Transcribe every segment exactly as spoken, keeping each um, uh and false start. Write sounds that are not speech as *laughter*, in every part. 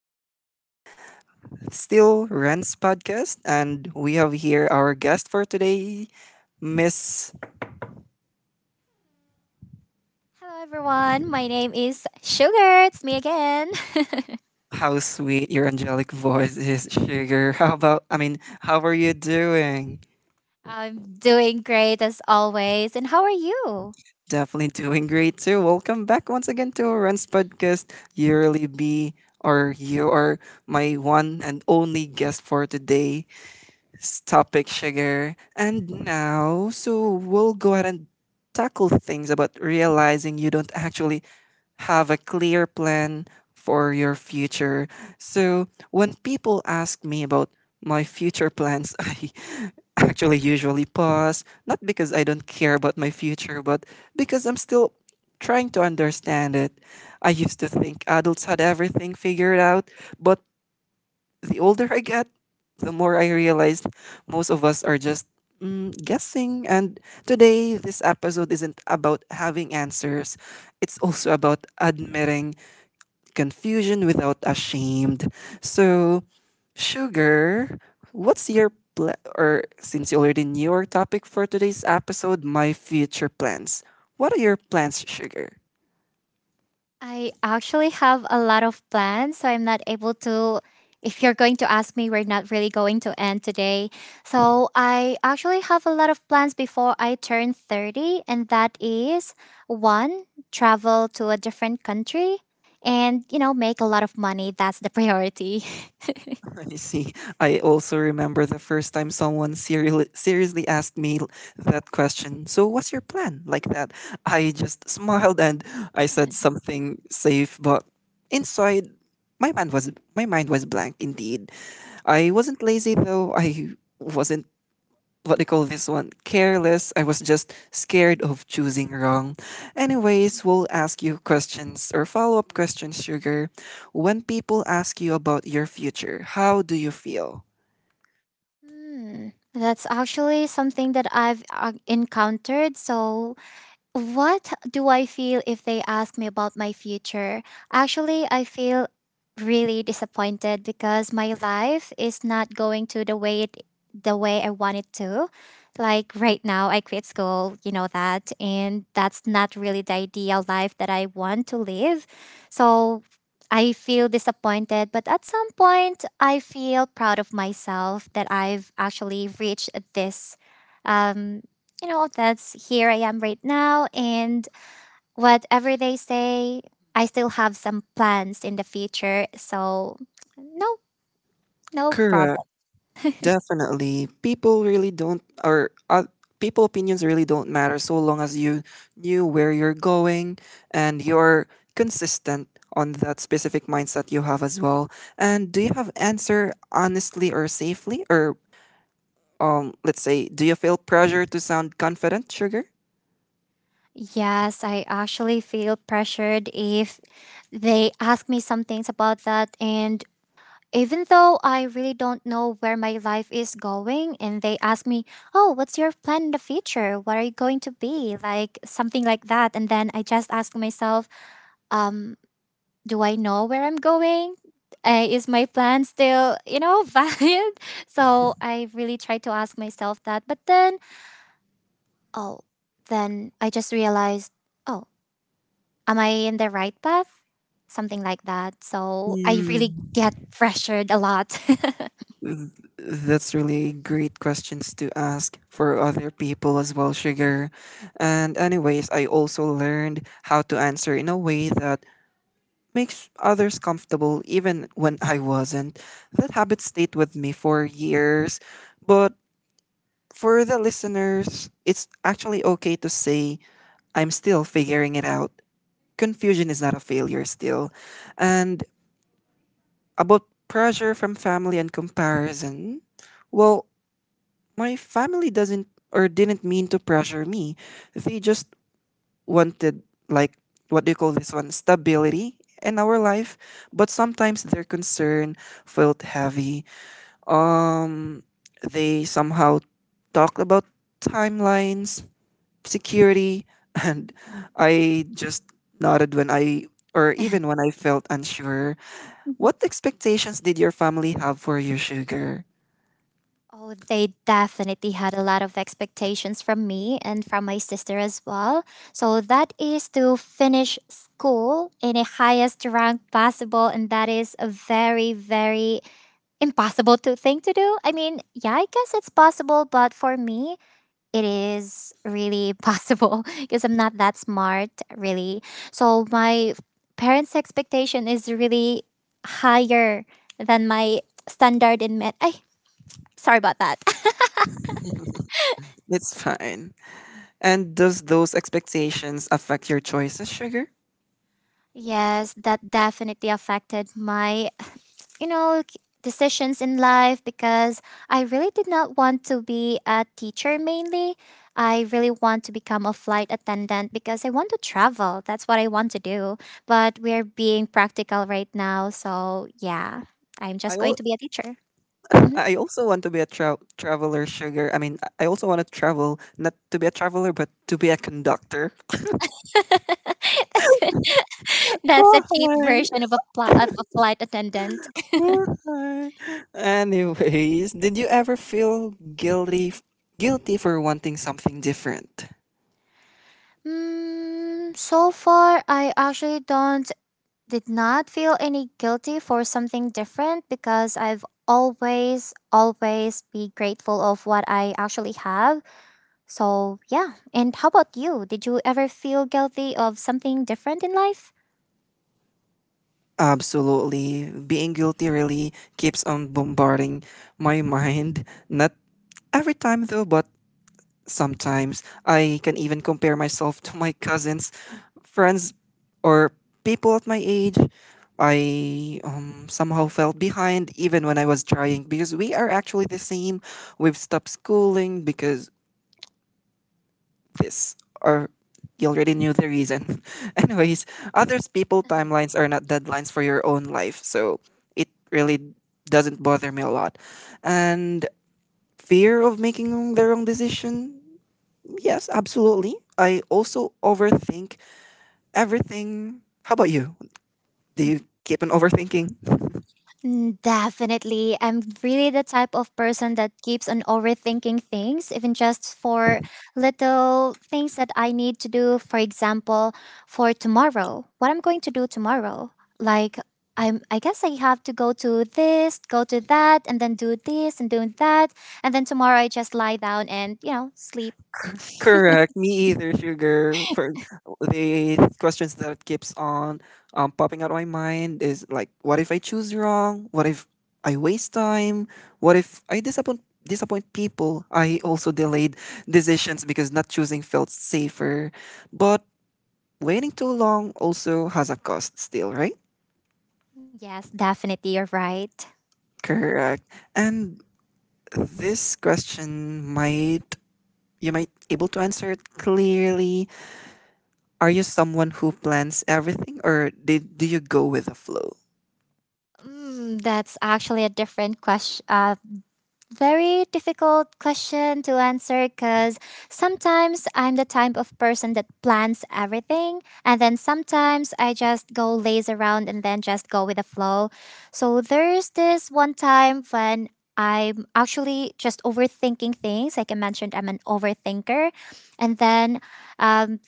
episode. Still Rents Podcast and we have here our guest for today, Miss. Hello, everyone. My name is Sugar. It's me again. How sweet your angelic voice is, *laughs* Sugar. How about I mean, how are you doing? *laughs* I'm doing great as always. And how are you? Definitely doing great too. Welcome back once again to our Rents Podcast. You really be or you are my one and only guest for today. Topic, Sugar. And now, so we'll go ahead and tackle things about realizing you don't actually have a clear plan for your future. So, when people ask me about my future plans, *laughs* I actually usually pause, not because I don't care about my future, but because I'm still trying to understand it. I used to think adults had everything figured out, but the older I get, the more I realized most of us are just mm, guessing. And today, this episode isn't about having answers, it's also about admitting confusion without ashamed. So, Sugar, what's your plan? Or since you already knew our topic for today's episode, my future plans. What are your plans, Sugar? I actually have a lot of plans, so I'm not able to. If you're going to ask me, we're not really going to end today. So, I actually have a lot of plans before I turn thirty, and that is one, travel to a different country and, you know, make a lot of money. That's the priority. *laughs* I see. I also remember the first time someone serially, seriously asked me l- that question. So, what's your plan? Like that. I just *laughs* smiled and I said *laughs* *laughs* something safe, but inside, my mind was my mind was blank indeed. I wasn't lazy though. I wasn't what do you call this one? Careless. I was just scared of choosing wrong. Anyways, we'll ask you questions or follow up questions, Sugar. When people ask you about your future, how do you feel? Hmm. That's actually something that I've uh, encountered. So what do I feel if they ask me about my future? Actually, I feel really disappointed because my life is not going to the way it, the way I want it to. Like right now, I quit school, you know that, and that's not really the ideal life that I want to live. So I feel disappointed, but at some point, I feel proud of myself that I've actually reached this um, you know, that's here I am right now. And whatever they say, I still have some plans in the future. So, no, no problem. Correct. Definitely. People really don't, or uh, people opinions really don't matter so long as you knew where you're going and you're consistent on that specific mindset you have as well. And do you have answer honestly or safely, or um let's say, do you feel pressure to sound confident, Sugar? Yes, I actually feel pressured if they ask me some things about that. And even though I really don't know where my life is going, and they ask me, "Oh, what's your plan in the future? What are you going to be?" Like something like that. And then I just ask myself, um, do I know where I'm going? Uh, is my plan still, you know, *laughs* valid? So I really tried to ask myself that. But then, oh, then I just realized, oh, am I in the right path? Something like that. So I Mm, really get pressured a lot. th- that's really great questions to ask for other people as well, Sugar. And, anyways, I also learned how to answer in a way that makes others comfortable, even when I wasn't. That habit stayed with me for years. But for the listeners, it's actually okay to say, I'm still figuring it out. Confusion is not a failure, still. And about pressure from family and comparison, well, my family doesn't or didn't mean to pressure me. They just wanted, like, what do you call this one? Stability in our life. But sometimes their concern felt heavy. Um, they somehow talked about timelines, security, *laughs* and I just nodded when I, or even when I felt unsure. What *laughs* expectations did your family have for you, Sugar? Oh, they definitely had a lot of expectations from me and from my sister as well. So that is to finish school in the highest rank possible. And that is a very, very impossible to thing to do. I mean, yeah, I guess it's possible, but for me, it is really possible *laughs* because I'm not that smart, really. So my parents' expectation is really higher than my standard in med. I sorry about that. *laughs* It's fine. And does those expectations affect your choices, Sugar? Yes, that definitely affected my, you know, k- decisions in life because I really did not want to be a teacher mainly. I really want to become a flight attendant because I want to travel. That's what I want to do. But we're being practical right now. So, yeah, I'm I, just going al- to be a teacher. Mhm. I also want to be a tra- traveler, Sugar. I mean, I also want to travel, not to be a traveler, but to be a conductor. *laughs* that's, *laughs* that's a cheap Why? version of a, pl- of a flight attendant. Why? Anyways, did you ever feel guilty guilty for wanting something different? Mm, so far, I actually don't did not feel any guilty for something different because I've always always be grateful of what I actually have. So, yeah. And how about you? Did you ever feel guilty of something different in life? Absolutely. Being guilty really keeps on bombarding my mind. Not every time though, but sometimes I can even compare myself to my cousins, friends, or people at my age. I um, somehow felt behind even when I was trying because we are actually the same. We've stopped schooling because this, or you already knew the reason. *laughs* Anyways, others people timelines are not deadlines for your own life, so it really doesn't bother me a lot. And fear of making the wrong decision, yes, absolutely. I also overthink everything. How about you? Do you keep on overthinking? Mm, definitely. I'm really the type of person that keeps on overthinking things, even just for little things that I need to do. For example, for tomorrow, what I'm going to do tomorrow. Like, I'm, I guess I have to go to this, go to that, and then do this and do that. And then tomorrow I just lie down and, you know, sleep. Correct. Me either, sugar. For the questions that keeps on um, popping out of my mind is like, what if I choose wrong? What if I waste time? What if I disappoint disappoint people? I also delayed decisions because not choosing felt safer. But waiting too long also has a cost still, right? Yes, definitely. You're right. Correct. And this question might you might able to answer it clearly. Are you someone who plans everything, or did, do you go with the flow? Mm, that's actually a different question. Uh. Very difficult question to answer because sometimes I'm the type of person that plans everything, and then sometimes I just go laze around and then just go with the flow. So there's this one time when I'm actually just overthinking things. Like I mentioned, I'm an overthinker, and then um,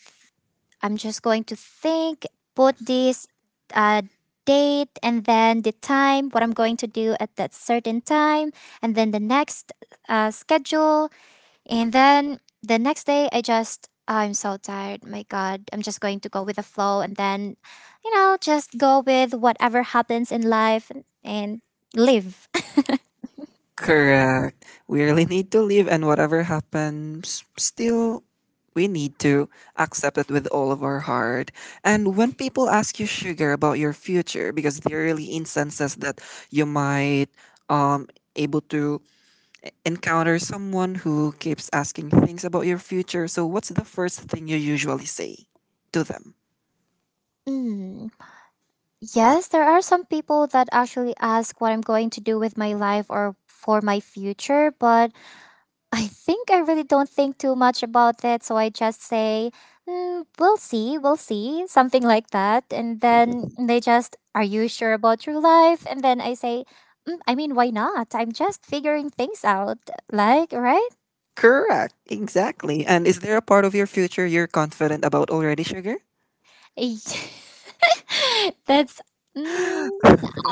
I'm just going to think, put this uh, date and then the time, what I'm going to do at that certain time, and then the next uh, schedule, and then the next day, I just, I'm so tired. My God, I'm just going to go with the flow and then, you know, just go with whatever happens in life and live. *laughs* Correct. We really need to live, and whatever happens, still, we need to accept it with all of our heart. And when people ask you, Sugar, about your future, because there are really instances that you might um able to e- encounter someone who keeps asking things about your future. So, what's the first thing you usually say to them? Mm. Yes, there are some people that actually ask what I'm going to do with my life or for my future, but I think I really don't think too much about it, so I just say, mm, "We'll see, we'll see," something like that, and then they just, "Are you sure about your life?" And then I say, mm, "I mean, why not? I'm just figuring things out, like, right?" Correct. Exactly. And is there a part of your future you're confident about already, Sugar? *laughs* That's mm,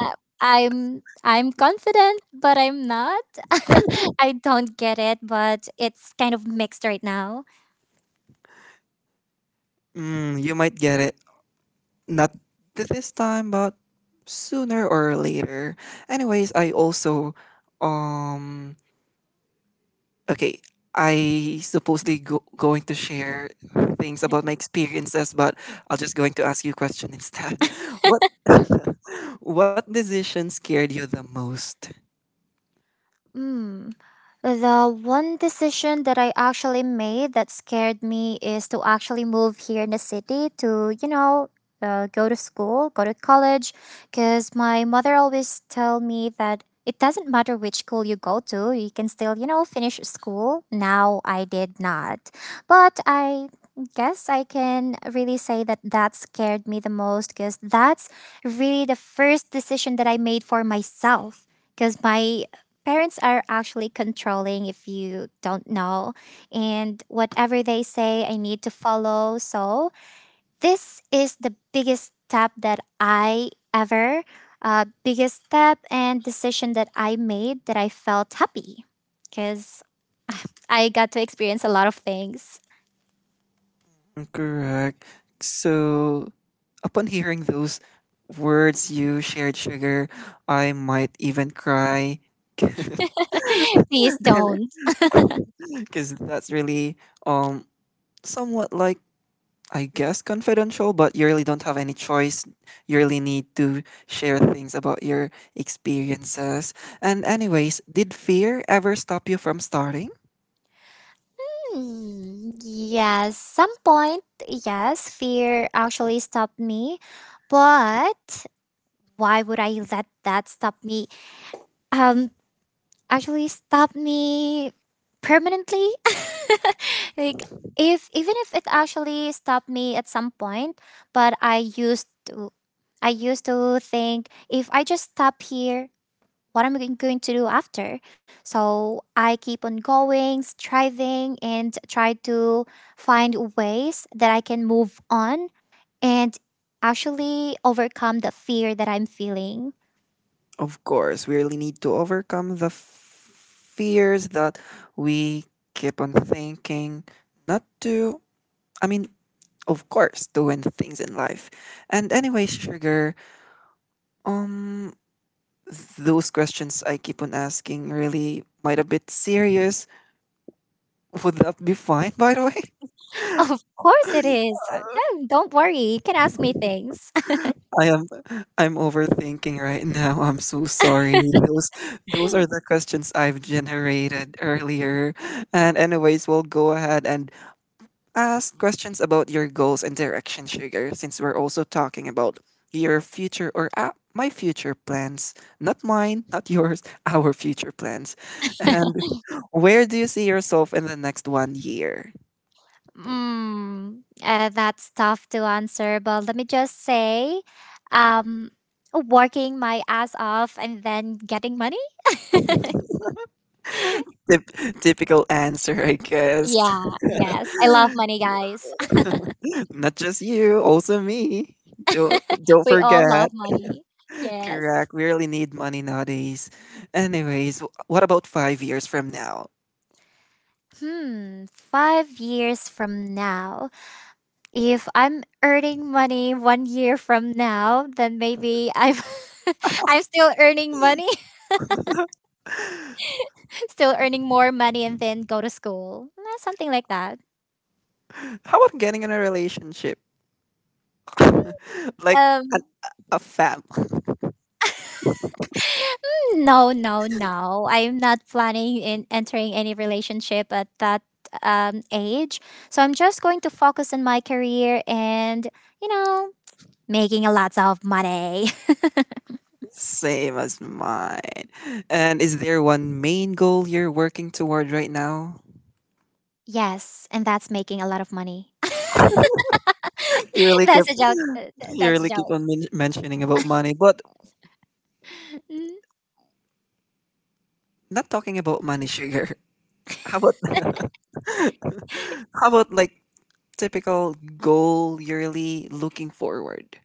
I- I'm I'm confident, but I'm not. *laughs* I don't get it, but it's kind of mixed right now. Mm, you might get it. Not th- this time, but sooner or later. Anyways, I also um okay, I supposedly go, going to share things about my experiences, but I'll just going to ask you a question instead. *laughs* What *laughs* what decision scared you the most? Mm. The one decision that I actually made that scared me is to actually move here in the city to, you know, uh, go to school, go to college, because my mother always tell me that it doesn't matter which school you go to, you can still, you know, finish school. Now I did not, but I guess I can really say that that scared me the most because that's really the first decision that I made for myself because my parents are actually controlling, if you don't know, and whatever they say, I need to follow. So, this is the biggest step that I ever, uh, biggest step and decision that I made that I felt happy because I got to experience a lot of things. Correct. So, upon hearing those words you shared, sugar, I might even cry *laughs* Please don't. *laughs* because that's really um somewhat like I guess confidential, but you really don't have any choice. You really need to share things about your experiences. And, anyways, did fear ever stop you from starting? Hmm, yes, some point, yes, fear actually stopped me, but why would I let that stop me um actually stopped me permanently, *laughs* like if even if it actually stopped me at some point. But I used to, i used to think, if I just stop here, what am I going to do after? So I keep on going, striving and try to find ways that I can move on and actually overcome the fear that I'm feeling. Of course, we really need to overcome the f- fears that we keep on thinking not to. I mean, of course, to win things in life. And, anyways, Sugar, um, those questions I keep on asking really might a bit serious. Would that be fine, by the way? *laughs* Of course it is. Uh, yeah, don't worry, you can ask me things. I am I'm overthinking right now. I'm so sorry. Those those are the questions I've generated earlier. And anyways, we'll go ahead and ask questions about your goals and direction, Sugar, since we're also talking about your future or uh, my future plans. Not mine, not yours, *laughs* our future plans. And where do you see yourself in the next one year? Mm, uh, that's tough to answer, but let me just say, um, working my ass off and then getting money. Typ- typical answer, I guess. Yeah, yes, I love money, guys. *laughs* Not just you, also me. Don't *laughs* don't We all forget. love money. Yes. Correct. We really need money nowadays. Anyways, wh- what about five years from now? Hmm, five years from now, if I'm earning money one year from now, then maybe I'm *laughs* I'm still earning money, *laughs* still earning more money, and then go to school, eh, something like that. How about getting in a relationship, *laughs* like an, Um, a fam, No, no, no. I'm not planning in entering any relationship at that um, age. So I'm just going to focus on my career and, you know, making a lot of money. *laughs* same as mine? And is there one main goal you're working toward right now? *laughs* Yes, and that's making a lot of money. You *laughs* really keep That's a joke. Uh, *gasps* th- you That's a really keep joke. on men- mentioning about money, but not talking about money, sugar. *laughs* How about *laughs* how about like typical goal yearly looking forward?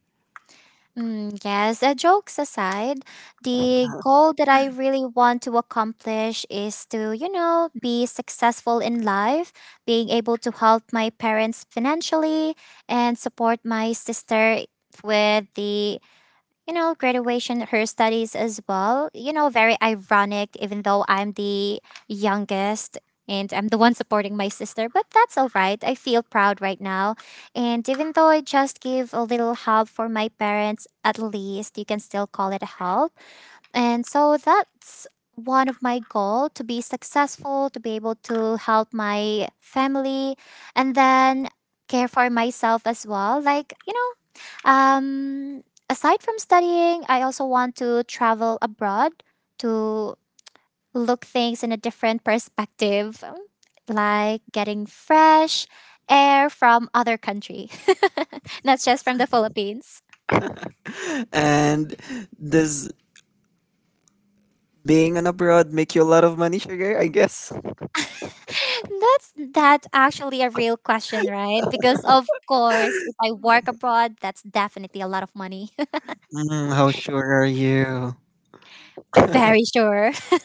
Mm, yes, uh, jokes aside, the goal that I really want to accomplish is to, you know, be successful in life, being able to help my parents financially and support my sister with the you know, graduation, her studies as well. You know, very ironic, even though I'm the youngest and I'm the one supporting my sister, but that's all right. I feel proud right now. And even though I just give a little help for my parents, at least you can still call it a help. And so that's one of my goal to be successful, to be able to help my family and then care for myself as well, like you know um, aside from studying, I also want to travel abroad to look things in a different perspective, um, like getting fresh air from other country, *laughs* not just from the Philippines. *laughs* And does being an abroad make you a lot of money, Sugar? I guess. *laughs* That's that actually a real question, right? Because of course, if I work abroad, that's definitely a lot of money. Mm, how sure are you? *laughs* *laughs* Very sure. *laughs*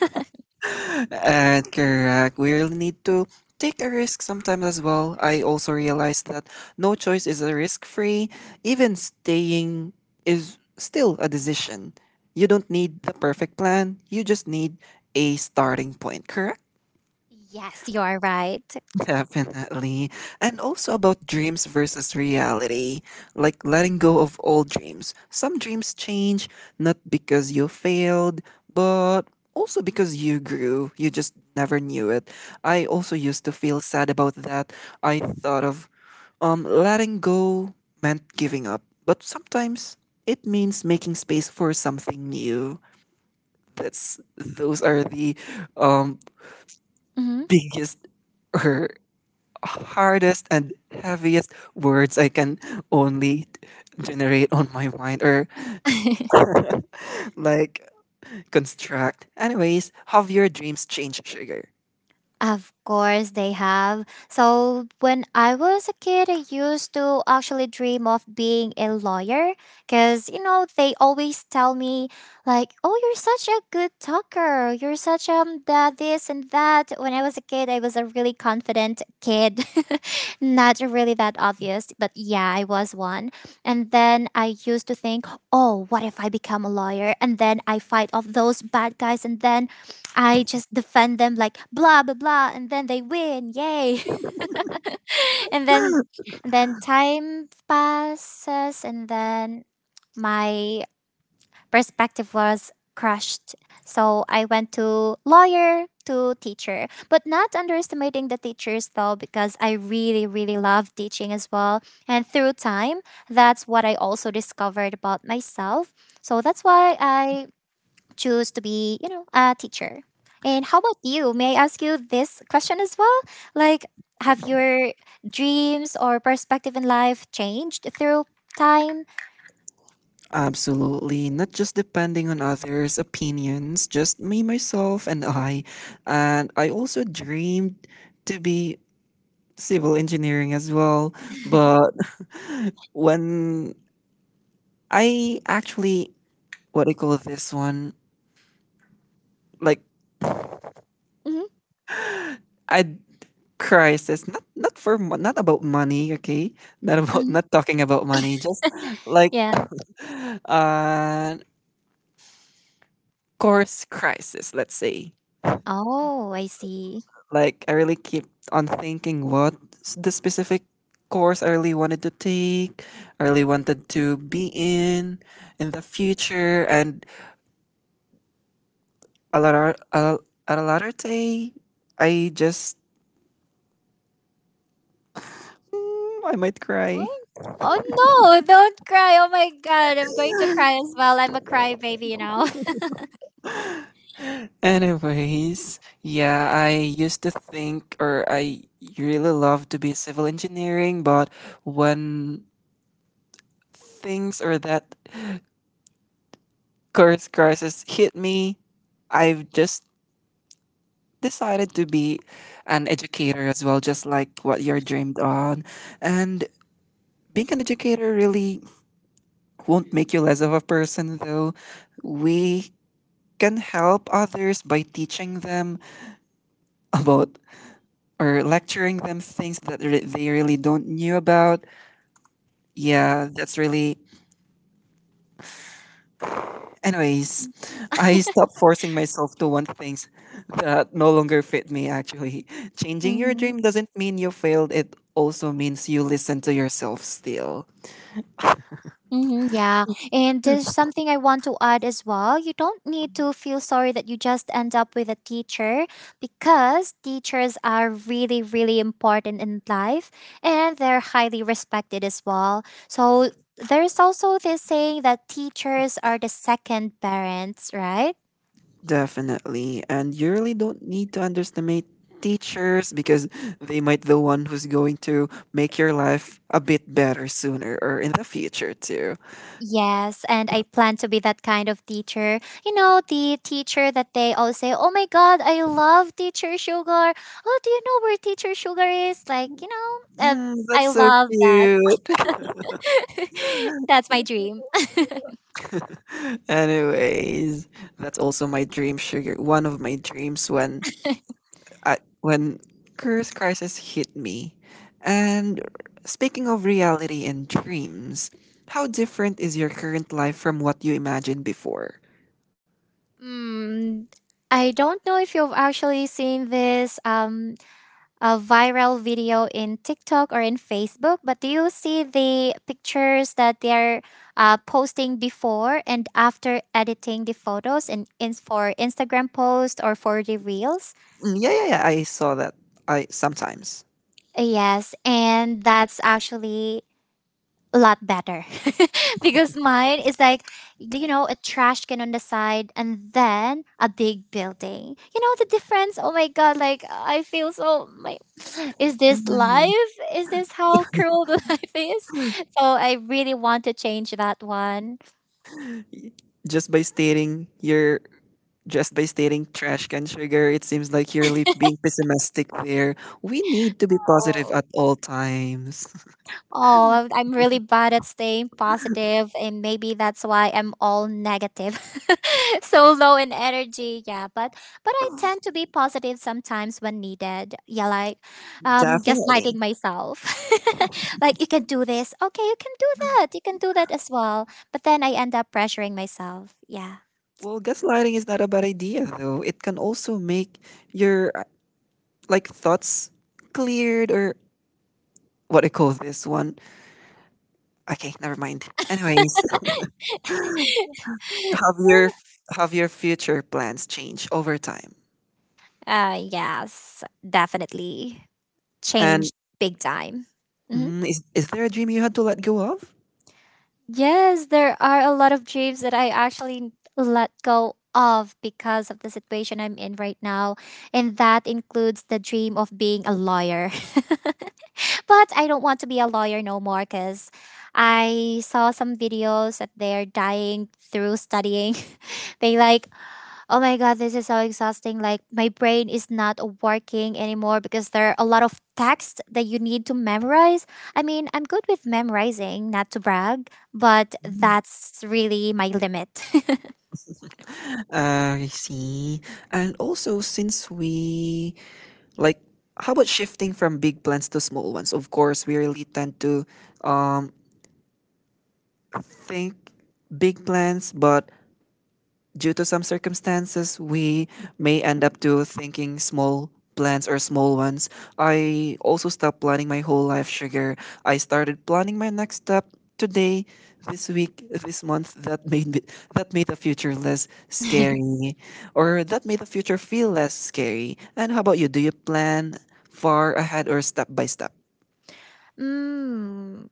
Uh, correct. We really need to take a risk sometimes as well. I also realized that no choice is a risk free. Even staying is still a decision. You don't need the perfect plan, you just need a starting point, correct? Yes, you are right. *laughs* Definitely. And also about dreams versus reality, like letting go of old dreams. Some dreams change not because you failed, but also because you grew. You just never knew it. I also used to feel sad about that. I thought of um letting go meant giving up, but sometimes it means making space for something new. That's those are the um Hmm. biggest *laughs* or hardest and heaviest words I can only generate on my mind or *laughs* like construct. Anyways, have your dreams changed, Sugar? Of course, they have. So, when I was a kid, I used to actually dream of being a lawyer because, you know, they always tell me, like, oh, you're such a good talker. You're such um, that, this, and that. When I was a kid, I was a really confident kid. *laughs* Not really that obvious, but yeah, I was one. And then I used to think, oh, what if I become a lawyer? And then I fight off those bad guys, and then I just defend them like blah blah blah, and then they win, yay! *laughs* and then, and then time passes, and then my perspective was crushed. So I went to lawyer to teacher, but not underestimating the teachers though, because I really really love teaching as well. And through time, that's what I also discovered about myself. So that's why I choose to be, you know, a teacher. And how about you? May I ask you this question as well? Like, have your dreams or perspective in life changed through time? Absolutely. Not just depending on others' opinions, just me, myself, and I. And I also dreamed to be civil engineering as well. But *laughs* when I actually, what I call this one, like, Hmm. I crisis, not not for mo- not about money, okay, not about Hmm. not talking about money, just like Yeah. *sighs* *laughs* uh course crisis, let's say, Oh, I see. like, I really keep on thinking what s- the specific course I really wanted to take, I really wanted to be in in the future, and a lot of, a, at a lot day, i just mm, I might cry. Oh, oh no, don't cry. Oh my God, I'm going to cry as well. I'm a crybaby, you know. Anyways, yeah, I used to think or I really love to be civil engineering, but when things or that course crisis hit me, I've just decided to be an educator as well, just like what you're dreamed on. And being an educator really won't make you less of a person, though. We can help others by teaching them about or lecturing them things that re- they really don't knew about. Yeah, that's really. Anyways, I stopped forcing myself to want things that no longer fit me, actually. *laughs* Changing your Hmm. dream doesn't mean you failed, it also means you listen to yourself still. Mm-hmm, yeah. And there's something I want to add as well. You don't need to feel sorry that you just end up with a teacher because teachers are really, really important in life, and they're highly respected as well. So there's also this saying that teachers are the second parents, right? Definitely. And you really don't need to underestimate teachers because they might the one who's going to make your life a bit better sooner or in the future too. Yes, and I plan to be that kind of teacher. You know, the teacher that they all say, oh my god, I love teacher Sugar. Oh, do you know where teacher Sugar is? Like, you know, uh, Mm, I that's so love that. cute. *laughs* That's my dream. *laughs* Anyways, that's also my dream sugar. One of my dreams when I, when curse crisis hit me. And speaking of reality and dreams, how different is your current life from what you imagined before? Mm, I don't know if you've actually seen this. Um, a viral video in TikTok or in Facebook, but do you see the pictures that they're uh, posting before and after editing the photos and in, for Instagram post or for the reels? Mm, yeah, yeah, yeah. I saw that. I sometimes Yes, and that's actually a lot better *laughs* because mine is like, you know, a trash can on the side and then a big building. You know the difference, oh my god, like I feel so my *sighs* is this life, is this how cruel the *laughs* life is, so I really want to change that one. Y- just by stating your Just by stating trash can, sugar, it seems like you're li- being pessimistic there. We need to be positive at all times. Oh, I'm I'm really bad at staying positive, and maybe that's why I'm all negative, *laughs* so low in energy. Yeah, but but I tend to be positive sometimes when needed. Yeah, like um, gaslighting Definitely. myself, *laughs* like you can do this. Okay, you can do that. You can do that as well. But then I end up pressuring myself. Yeah. Well, gaslighting is not a bad idea though. It can also make your uh, like thoughts cleared or what do you call this one? Okay, never mind. Anyways, *laughs* have your have your future plans change over time? Uh, yes, definitely And changed big time. Mm-hmm. mm, is is there a dream you had to let go of? Yes, there are a lot of dreams that I actually let go of because of the situation I'm in right now. And that includes the dream of being a lawyer. *laughs* But I don't want to be a lawyer no more because I saw some videos that they're dying through studying. *laughs* They like, oh my god, this is so exhausting. Like my brain is not working anymore because there are a lot of text that you need to memorize. I mean, I'm good with memorizing, not to brag, but that's really my limit. Uh, I see. And also, since we like, how about shifting from big plans to small ones? Of course, we really tend to um think big plans, but due to some circumstances, we may end up to thinking small plans or small ones. I also stopped planning my whole life, sugar. I started planning my next step today, this week, this month. That made me, that made the future less scary, or that made the future feel less scary. And how about you? Do you plan far ahead or step by step? *laughs* mm,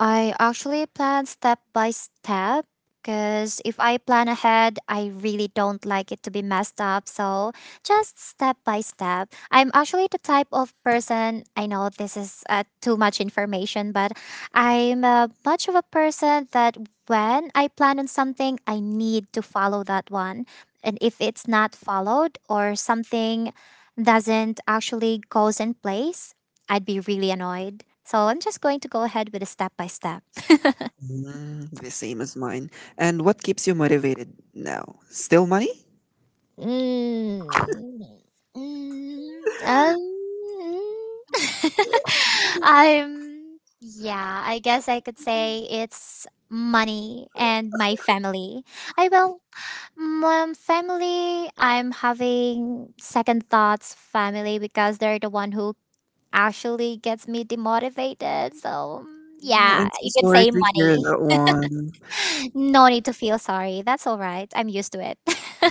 I actually plan step by step because if I plan ahead, I really don't like it to be messed up. So just step by step. I'm actually the type of person, I know this is uh, too much information, but I'm uh, much of a person that when I plan on something, I need to follow that one. And if it's not followed or something doesn't actually goes in place, I'd be really annoyed. So I'm just going to go ahead with a step by step. Mm, the same as mine. And what keeps you motivated now? Still money? Mm, mm, mm, um, *laughs* I'm, yeah, I guess I could say it's money and my family. I will, my family, I'm having second thoughts, family, because they're the one who actually gets me demotivated. So, mm, Oh, I'm yeah, so you can sorry say to hear money. that one. No need to feel sorry. That's all right. I'm used to it. *laughs*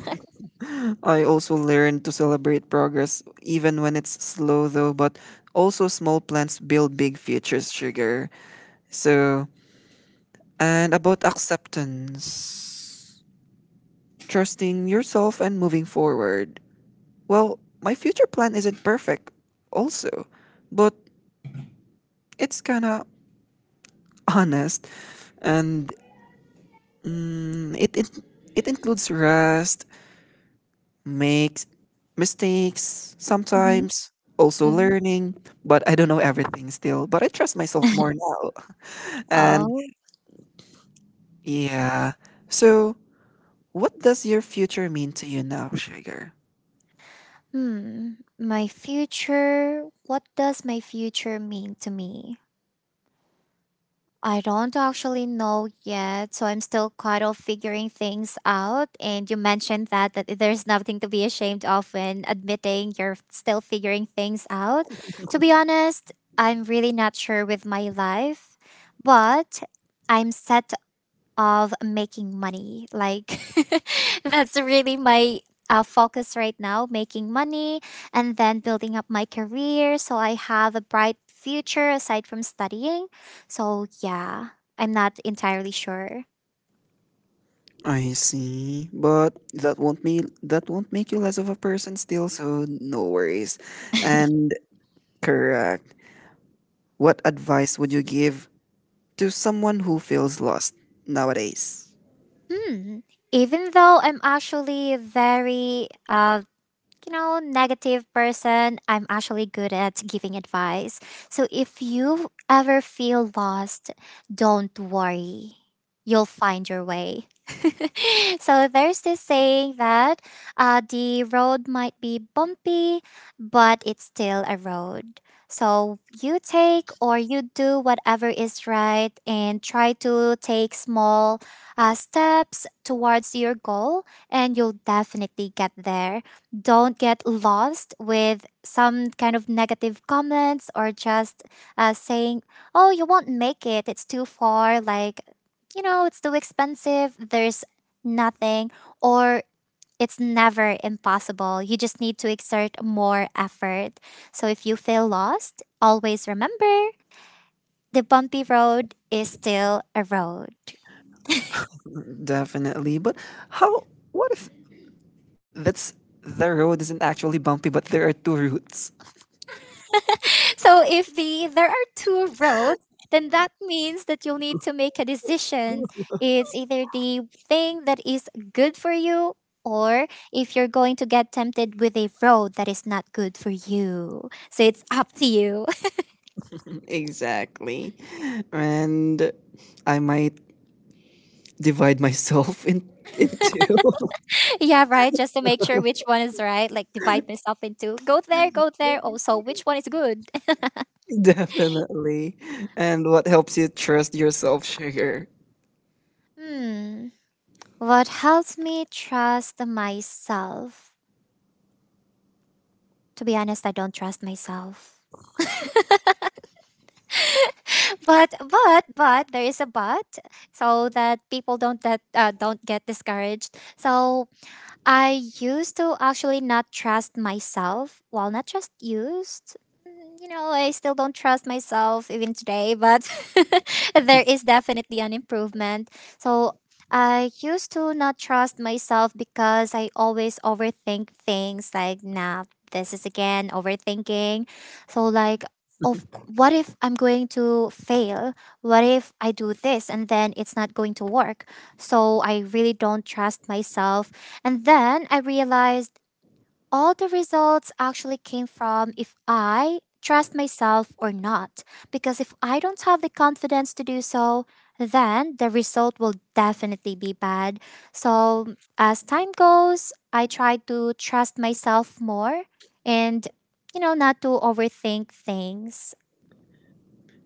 *laughs* I also learned to celebrate progress even when it's slow though, but also small plans build big futures, sugar. So, and about acceptance, trusting yourself and moving forward. Well, my future plan isn't perfect also, but it's kind of honest and mm, it, it it includes rest, makes mistakes Mm-hmm. sometimes, also Mm-hmm. learning, but I don't know everything still. But I trust myself more now. *laughs* And Oh. yeah. So, what does your future mean to you now, Sugar? Hmm. My future. What does my future mean to me? I don't actually know yet, so I'm still kind of figuring things out. And you mentioned that that there's nothing to be ashamed of when admitting you're still figuring things out. To be honest, I'm really not sure with my life, but I'm set of making money. Like *laughs* that's really my uh, focus right now, making money and then building up my career so I have a bright future aside from studying. So yeah, I'm not entirely sure. I see, but that won't me that won't make you less of a person still, so no worries. And correct. What advice would you give to someone who feels lost nowadays? Hmm. Even though I'm actually very uh you know, negative person, I'm actually good at giving advice. So if you ever feel lost, don't worry. You'll find your way. *laughs* So there's this saying that uh, the road might be bumpy, but it's still a road. So you take or you do whatever is right and try to take small uh, steps towards your goal, and you'll definitely get there. Don't get lost with some kind of negative comments or just uh, saying, oh, you won't make it, it's too far, like, you know, it's too expensive, there's nothing, or it's never impossible. You just need to exert more effort. So if you feel lost, always remember the bumpy road is still a road. Definitely. But how what if That's the road isn't actually bumpy, but there are two routes. *laughs* So if the there are two roads, then that means that you'll need to make a decision. It's either the thing that is good for you or if you're going to get tempted with a road that is not good for you. So it's up to you. Exactly. And I might divide myself in into. *laughs* Yeah, right? Just to make sure which one is right, like divide myself into go there, go there. Also, which one is good? *laughs* *laughs* Definitely. And what helps you trust yourself, sugar? Hmm. What helps me trust myself? To be honest, I don't trust myself. *laughs* but but but there is a but, so that people don't that uh, don't get discouraged. So I used to actually not trust myself. Well, not just used. Mm, you know, I still don't trust myself even today, but *laughs* there is definitely an improvement. So I used to not trust myself because I always overthink things like, nah, this is again overthinking. So, like, of what if I'm going to fail? What if I do this and then it's not going to work? So I really don't trust myself, and then I realized all the results actually came from if I trust myself or not. Because if I don't have the confidence to do so, then the result will definitely be bad. So as time goes, I try to trust myself more and, you know, not to overthink things.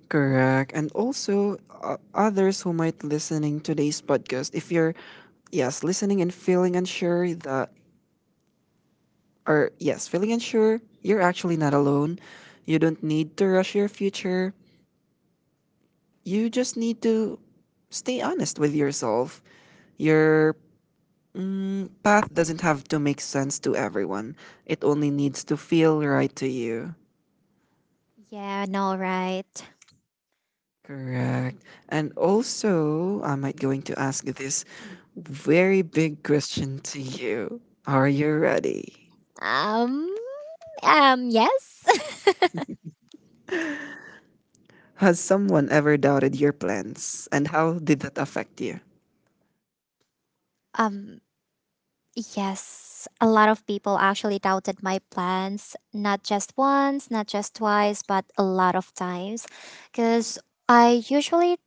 Correct. And also uh, others who might listening today's podcast, if you're yes, listening and feeling unsure that or yes, feeling unsure, you're actually not alone. You don't need to rush your future. You just need to stay honest with yourself. Your path doesn't have to make sense to everyone. It only needs to feel right to you. Yeah, no, right. Correct. And also, I might going to ask this very big question to you. Are you ready? Um, um, yes. Has someone ever doubted your plans and how did that affect you? *laughs* um, Yes, a lot of people actually doubted my plans, not just once, not just twice, but a lot of times. Because I usually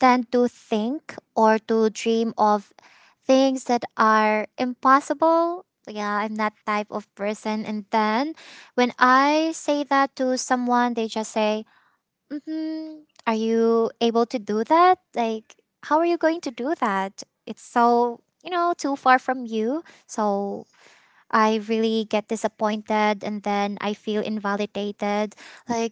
tend to think or to dream of things that are impossible. Yeah, I'm that type of person. And then when I say that to someone, they just say, hmm, are you able to do that? Like, how are you going to do that? It's so, you know, too far from you. So I really get disappointed and then I feel invalidated. Like,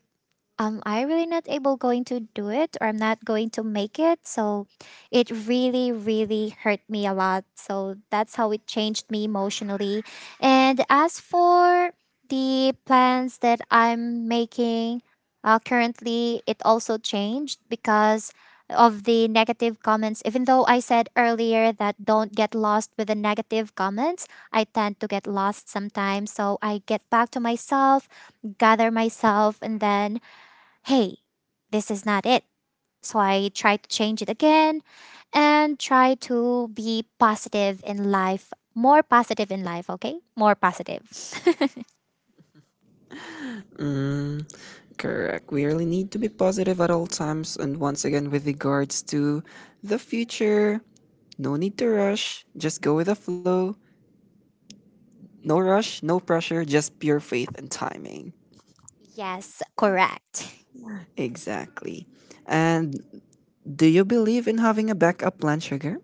am I really not able going to do it or I'm not going to make it? So it really, really hurt me a lot. So that's how it changed me emotionally. And as for the plans that I'm making uh, currently, it also changed because of the negative comments. Even though I said earlier that don't get lost with the negative comments, I tend to get lost sometimes. So I get back to myself, gather myself, and then hey, this is not it. So I try to change it again and try to be positive in life, more positive in life, okay? More positive. Mm, correct. We really need to be positive at all times. And once again, with regards to the future, no need to rush. Just go with the flow. No rush, no pressure, just pure faith and timing. *laughs* Yes, correct. Exactly. And do you believe in having a backup plan, Sugar?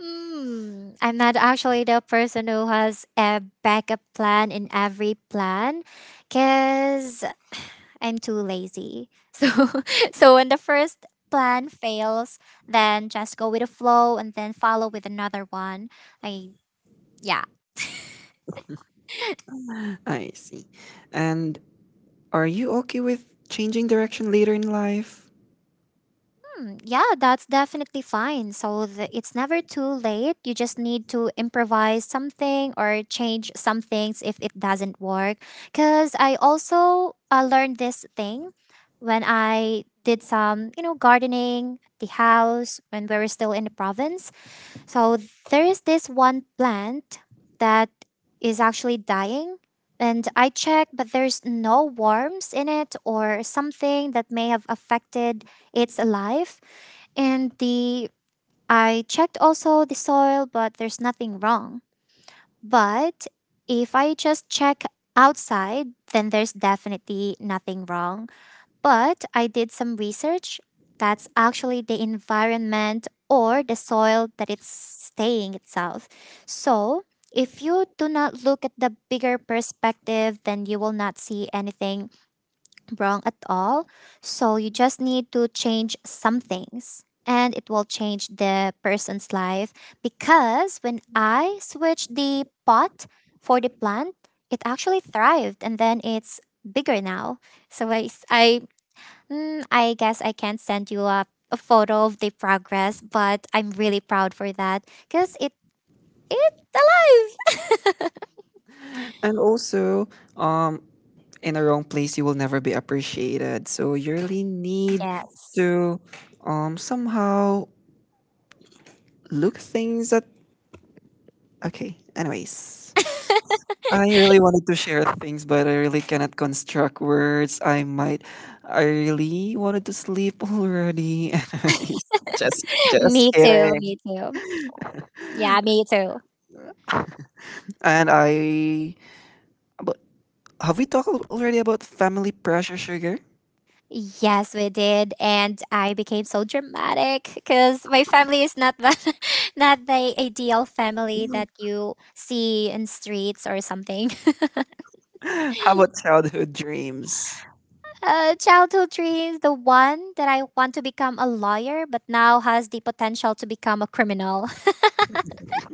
Hmm, I'm not actually the person who has a backup plan in every plan because I'm too lazy. So, *laughs* so when the first plan fails, then just go with the flow and then follow with another one. I yeah. I see. And are you okay with changing direction later in life? Hmm, yeah, that's definitely fine. So the, it's never too late. You just need to improvise something or change some things if it doesn't work. Because I also uh, learned this thing when I did some, you know, gardening at the house when we were still in the province. So there is this one plant that is actually dying. And I checked, but there's no worms in it or something that may have affected its life. And the I checked also the soil, but there's nothing wrong. But if I just check outside, then there's definitely nothing wrong. But I did some research. That's actually the environment or the soil that it's staying itself. So if you do not look at the bigger perspective, then you will not see anything wrong at all. So you just need to change some things and it will change the person's life, because when I switched the pot for the plant, it actually thrived and then it's bigger now. So I s- I, mm, I guess I can't send you a, a photo of the progress, but I'm really proud for that because it it's alive. And also, um, in the wrong place, you will never be appreciated. So you really need Yes. to um somehow look things at okay. Anyways. I really wanted to share things but I really cannot construct words. I might I really wanted to sleep already. *laughs* Anyways. Just *laughs* just me too, me kidding. too. Yeah, me too. And I but have we talked al- already about family pressure sugar? Yes, we did, and I became so dramatic because my family is not the *laughs* not the ideal family that *laughs* you see in streets or something. *laughs* How about childhood dreams? Uh, childhood dreams, the one that I want to become a lawyer, but now has the potential to become a criminal.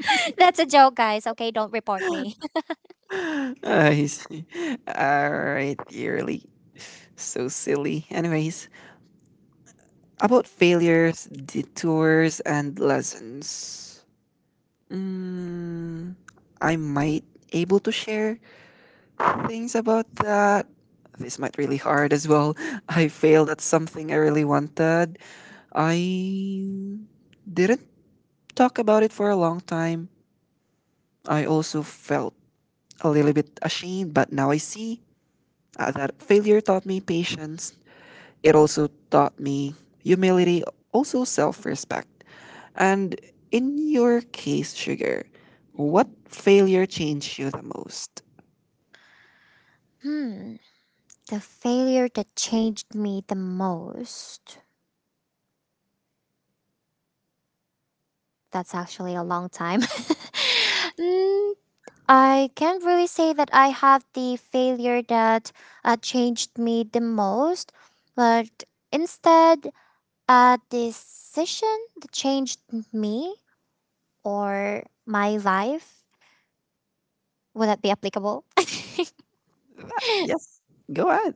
*laughs* That's a joke, guys. Okay, don't report me. I see. *laughs* Alright, you're really so silly. Anyways, about failures, detours, and lessons. Mm, I might able to share things about that. This might really hard as well. *laughs* I failed at something I really wanted. I didn't talk about it for a long time. I also felt a little bit ashamed, but now I see uh, that failure taught me patience. It also taught me humility, also self respect. And in your case, Sugar, what failure changed you the most? *laughs* Hmm, the failure that changed me the most. That's actually a long time. *laughs* Mm, I can't really say that I have the failure that uh, changed me the most, but instead, a decision that changed me or my life. Would that be applicable? Yes, go ahead.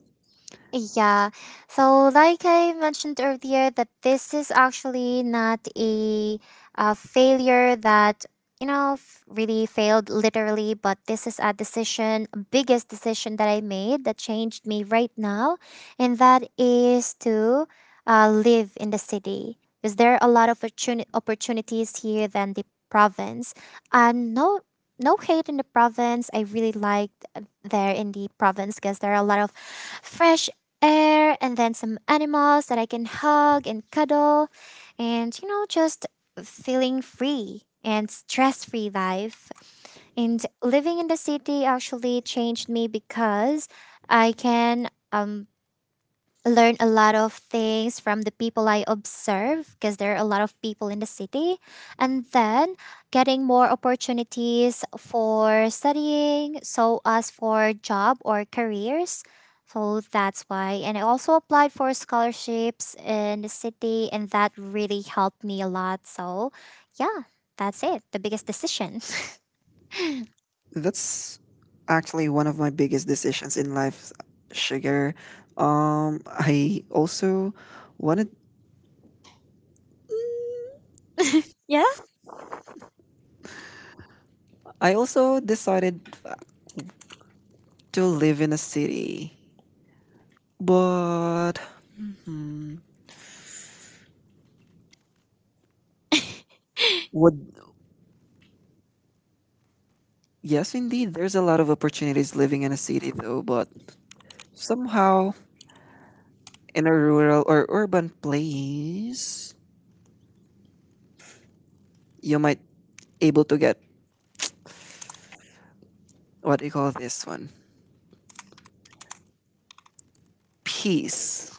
Yeah. So, like I mentioned earlier, that this is actually not a, uh failure that, you know, f- really failed literally, but this is a decision, biggest decision that I made that changed me right now. And that is to uh, live in the city. Because there are a lot of opportuni- opportunities here than the province. And no, no hate in the province. I really liked uh, there in the province because there are a lot of fresh air and then some animals that I can hug and cuddle and you know just feeling free and stress free life and living in the city actually changed me because I can um learn a lot of things from the people I observe because there are a lot of people in the city. And then getting more opportunities for studying, so as for job or careers. So that's why. And I also applied for scholarships in the city, and that really helped me a lot. So, yeah, that's it. The biggest decision. *laughs* That's actually one of my biggest decisions in life, Sugar. Um, I also wanted, Yeah. I also decided to live in a city, but hmm, would Yes, indeed. There's a lot of opportunities living in a city, though, but somehow in a rural or urban place, you might able to get what do you call this one peace,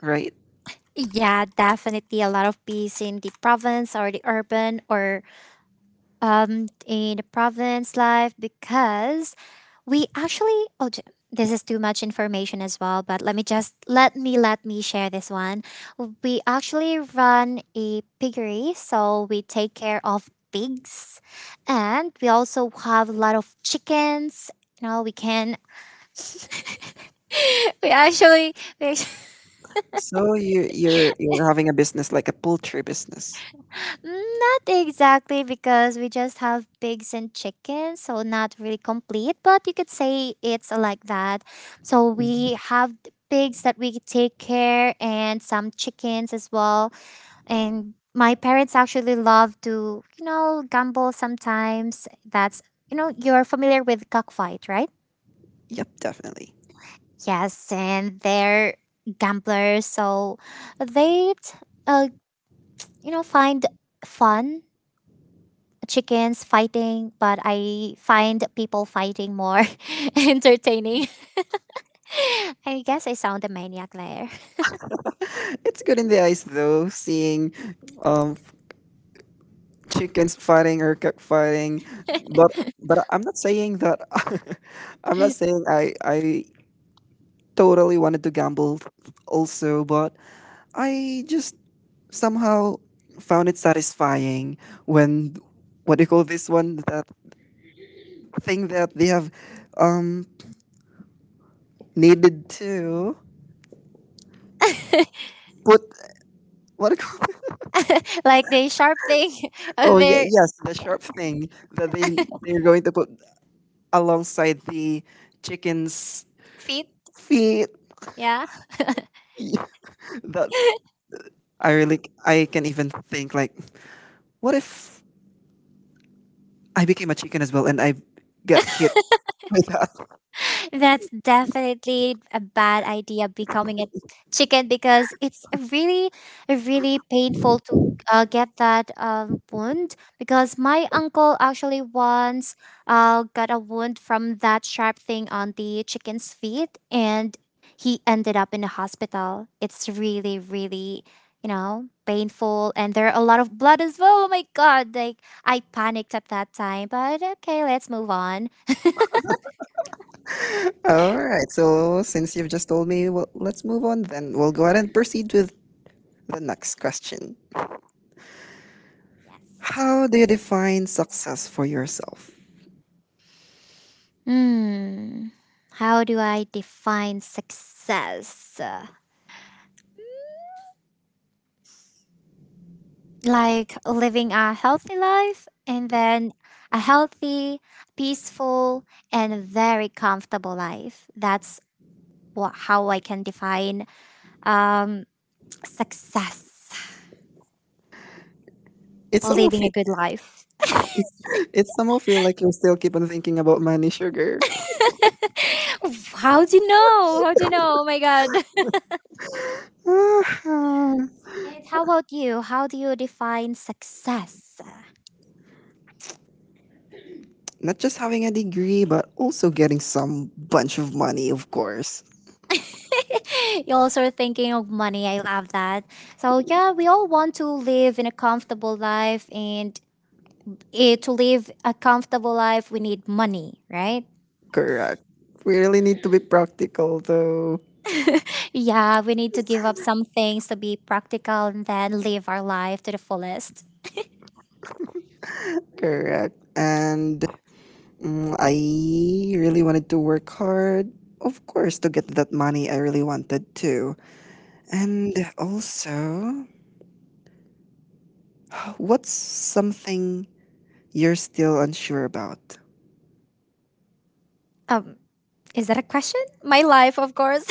right? Yeah, definitely a lot of peace in the province or the urban or um, in the province life because we actually oh j- this is too much information as well but let me just let me let me share this one. We actually run a piggery so we take care of pigs and we also have a lot of chickens, you know we can *laughs* we actually we actually So you you're you're having a business like a poultry business. Mm, not exactly because we just have pigs and chickens, so not really complete, but you could say it's like that. So Mhm. we have the pigs that we take care and some chickens as well. And my parents actually love to, you know, gamble sometimes. That's, you know, you're familiar with cockfight, right? Yep, definitely. Yes, and they're gamblers, so they, uh, you know, find fun chickens fighting, but I find people fighting more *laughs* entertaining. *laughs* I guess I sound a maniac there. It's good in the eyes though, seeing um chickens fighting or cock fighting, but but I'm not saying that. *laughs* I'm not *laughs* saying I I totally wanted to gamble also, but I just somehow found it satisfying when what do you call this one that thing that they have um needed to put what do you call it? Like they sharp thing *laughs* *laughs* on Oh yeah, their yes, the sharp thing that they they're going to put alongside the chicken's feet. feet. Yeah. *laughs* That I really I can even think like what if I became a chicken as well and I got hit with that. That's definitely a bad idea becoming a chicken because it's a really, a really painful to uh, get that um, wound. Because my uncle actually once uh, got a wound from that sharp thing on the chicken's feet and he ended up in the hospital. It's really, really, you know, painful. And there are a lot of blood as well. Oh my God. Like, I panicked at that time, but okay, let's move on. All right. So since you've just told me, well, let's move on then. We'll go ahead and proceed with the next question. Yes. How do you define success for yourself? Hmm. How do I define success? Uh, Like living a healthy life and then a healthy, peaceful, and very comfortable life. That's what how I can define um success. It's some of Living you. a *laughs* good life. It's, it's some of you like you still keep on thinking about money, sugar. *laughs* How do you know? How do you know? Oh my god. Ah, *laughs* And how about you? How do you define success? not just having a degree, but also getting some bunch of money, of course. *laughs* You also are thinking of money. I love that. So yeah, we all want to live in a comfortable life, and eh, to live a comfortable life, we need money, right? Correct. We really need to be practical, though. Yeah, we need to give up some things to be practical and then live our life to the fullest. Correct. And mm, I really wanted to work hard, of course, to get that money I really wanted to. And also, what's something you're still unsure about? Um, Is that a question? My life, of course.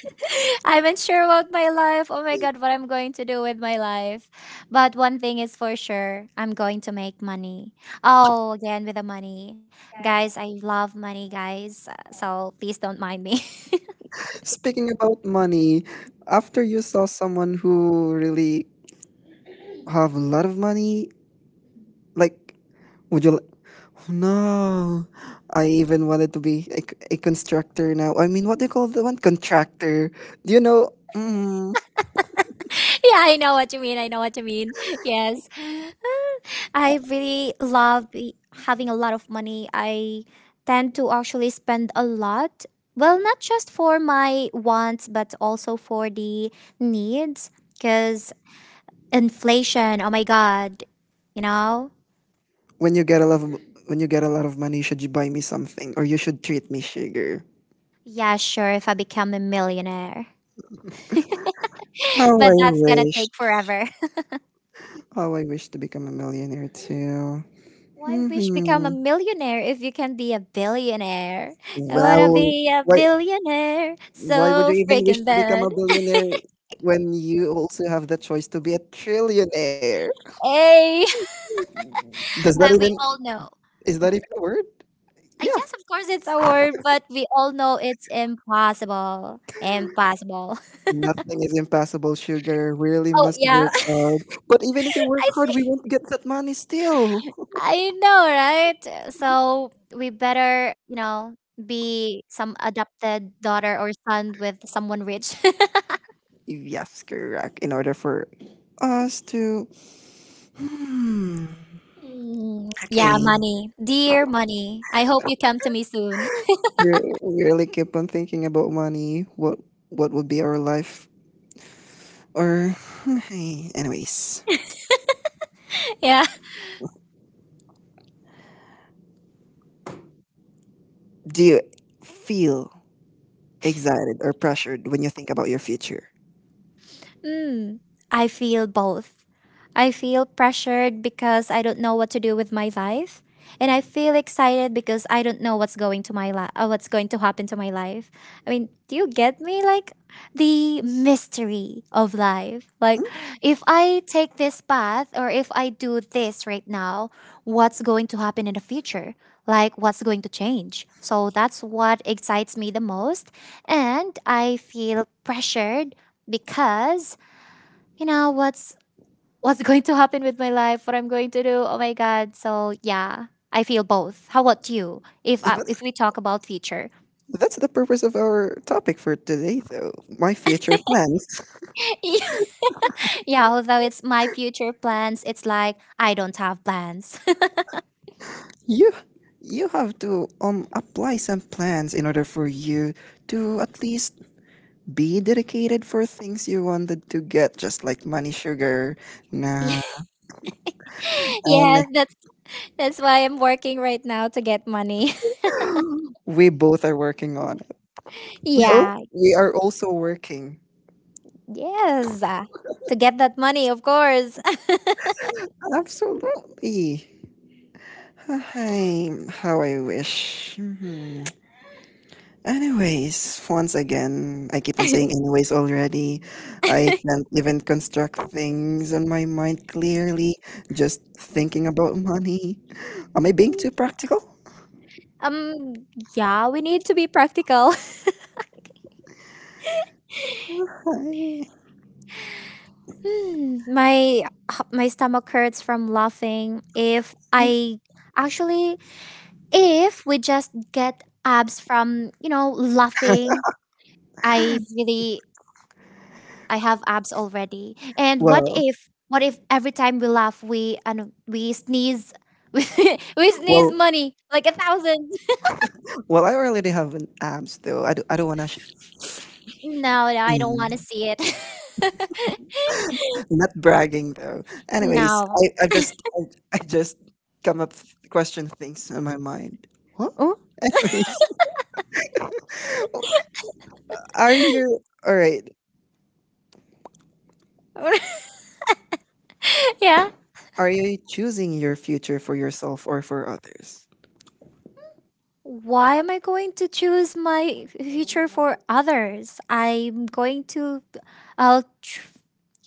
*laughs* I'm unsure about my life. Oh my God, what I'm going to do with my life. But one thing is for sure, I'm going to make money. Oh, again, with the money. Guys, I love money, guys. Uh, So please don't mind me. *laughs* Speaking about money, after you saw someone who really have a lot of money, like would you? li- oh, No, I even wanted to be a a constructor now. I mean, what do you call the one contractor? Do you know? Mm. Yeah, I know what you mean. I know what you mean. Yes. I really love be- having a lot of money. I tend to actually spend a lot. Well, not just for my wants, but also for the needs. Because inflation, oh my God, you know? when you get a lot of when you get a lot of money, should you buy me something or you should treat me sugar? Yeah, sure, if I become a millionaire. How *laughs* But I that's gonna wish. take forever. *laughs* How I wish to become a millionaire too. Why wish become Hmm, a millionaire if you can be a billionaire? I wanna well, be a why billionaire why would so you even wish freaking to become a bad. billionaire when you also have the choice to be a trillionaire? Hey, *laughs* Does that but we even all know Is that even a word? Uh, Yeah. yes, of course it's a word, but we all know it's impossible. Impossible. *laughs* Nothing is impossible, sugar. Really Oh must yeah, work hard. But even if we *laughs* work I hard, we see. won't get that money still. *laughs* I know, right? So we better, you know, be some adopted daughter or son with someone rich. *laughs* Yes, correct. In order for us to, hmm, Mm, yeah, okay. money. Dear money. I hope you come to me soon. Re- really keep on thinking about money, what what would be our life? Or, *sighs* *laughs* anyways, *laughs* Yeah. do you feel excited or pressured when you think about your future? Mm, I feel both. I feel pressured because I don't know what to do with my life, and I feel excited because I don't know what's going to my li- uh, what's going to happen to my life. I mean, do you get me? Like the mystery of life. Like if I take this path or if I do this right now, what's going to happen in the future? Like what's going to change? So that's what excites me the most, and I feel pressured because you know what's what's *laughs* going to happen with my life, what I'm going to do, oh my god, so yeah, I feel both. How about you, if I, That's, if we talk about future? that's the purpose of our topic for today, though. My future plans. *laughs* Yeah, although it's my future plans, it's like I don't have plans. *laughs* You you have to um apply some plans in order for you to at least be dedicated for things you wanted to get, just like money sugar. Nah, and Yeah, that's that's why I'm working right now, to get money. *gasps* we both are working on it. *laughs* We are Yeah. we are also working. Yes, uh, to get that money, of course. *laughs* Absolutely. Hi, how I wish. Mhm. Anyways, once again, I keep on saying anyways already. I can't even construct things on my mind clearly, just thinking about money. Am I being too practical? um yeah, we need to be practical. *laughs* *laughs* Hmm, my my stomach hurts from laughing. If I actually, if we just get abs from you know laughing, Hi. I really I have abs already. And what Well, if what if every time we laugh we and we sneeze, *laughs* we, we sneeze well, money like a thousand? well. I already have an abs though. I, do, I don't want to. Sh- No, no, I don't want to Mm. see it. *laughs* Not bragging though. Anyways, No. I i *laughs* just I, I just come up with question things in my mind. What? Oh, Anyways, *laughs* are you all right? *laughs* yeah. Are you choosing your future for yourself or for others? why am I going to choose my f- future for others? I'm going to, uh, tr-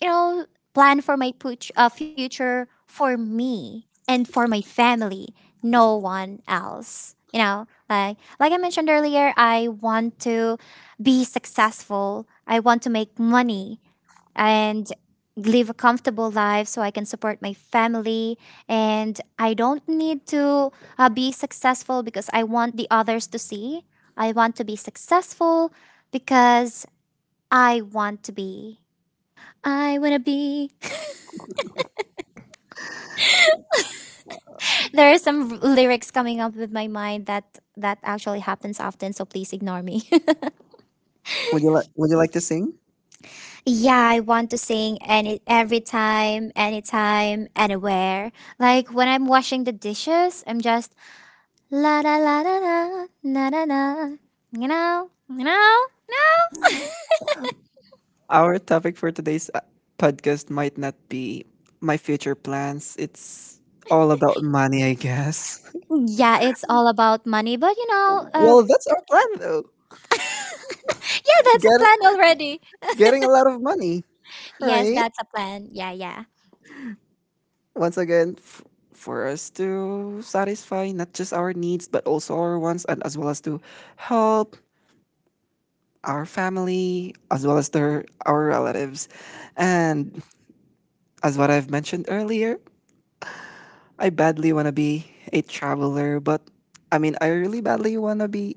you know, plan for my put- uh, future for me and for my family, no one else. You know, like like I mentioned earlier, I want to be successful. I want to make money and live a comfortable life so I can support my family. And I don't need to uh, be successful because I want the others to see. I want to be successful because I want to be. I wanna be. *laughs* There are some r- lyrics coming up with my mind that that actually happens often. So please ignore me. Would you like Would you like to sing? *laughs* Yeah, I want to sing any every time, anytime, anywhere. Like when I'm washing the dishes, I'm just la da la da da, na da da. You know, you know, no. Our topic for today's uh, podcast might not be my future plans. It's all about money, I guess. *laughs* *laughs* Yeah, it's all about money, but you know, uh, Well, that's our plan, though. *laughs* yeah, that's a plan getting already. getting a lot of money, Yes, right? that's a plan. Yeah, yeah. Once again, f- for us to satisfy not just our needs but also our wants, and as well as to help our family as well as their our relatives. And as what I've mentioned earlier, I badly want to be a traveler, but I mean, I really badly want to be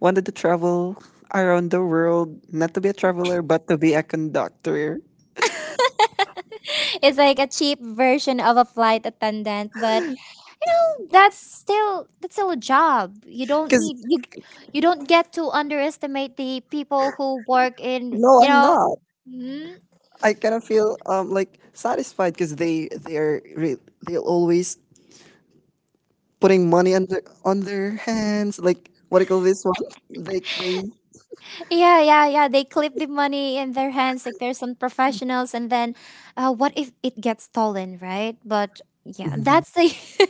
wanted to travel around the world, not to be a traveler but to be a conductor. *laughs* It's like a cheap version of a flight attendant, but you know, that's still that's still a job. You don't Because need you you don't get to underestimate the people who work in, no, you I'm know. not. Hmm? I kind of feel um like satisfied because they they are re- they're always putting money under on their hands. Like what do you call this one? Like they. Yeah, yeah, yeah. They clip the money in their hands like they're some professionals, and then uh, what if it gets stolen, right? But yeah, Mhm. that's the.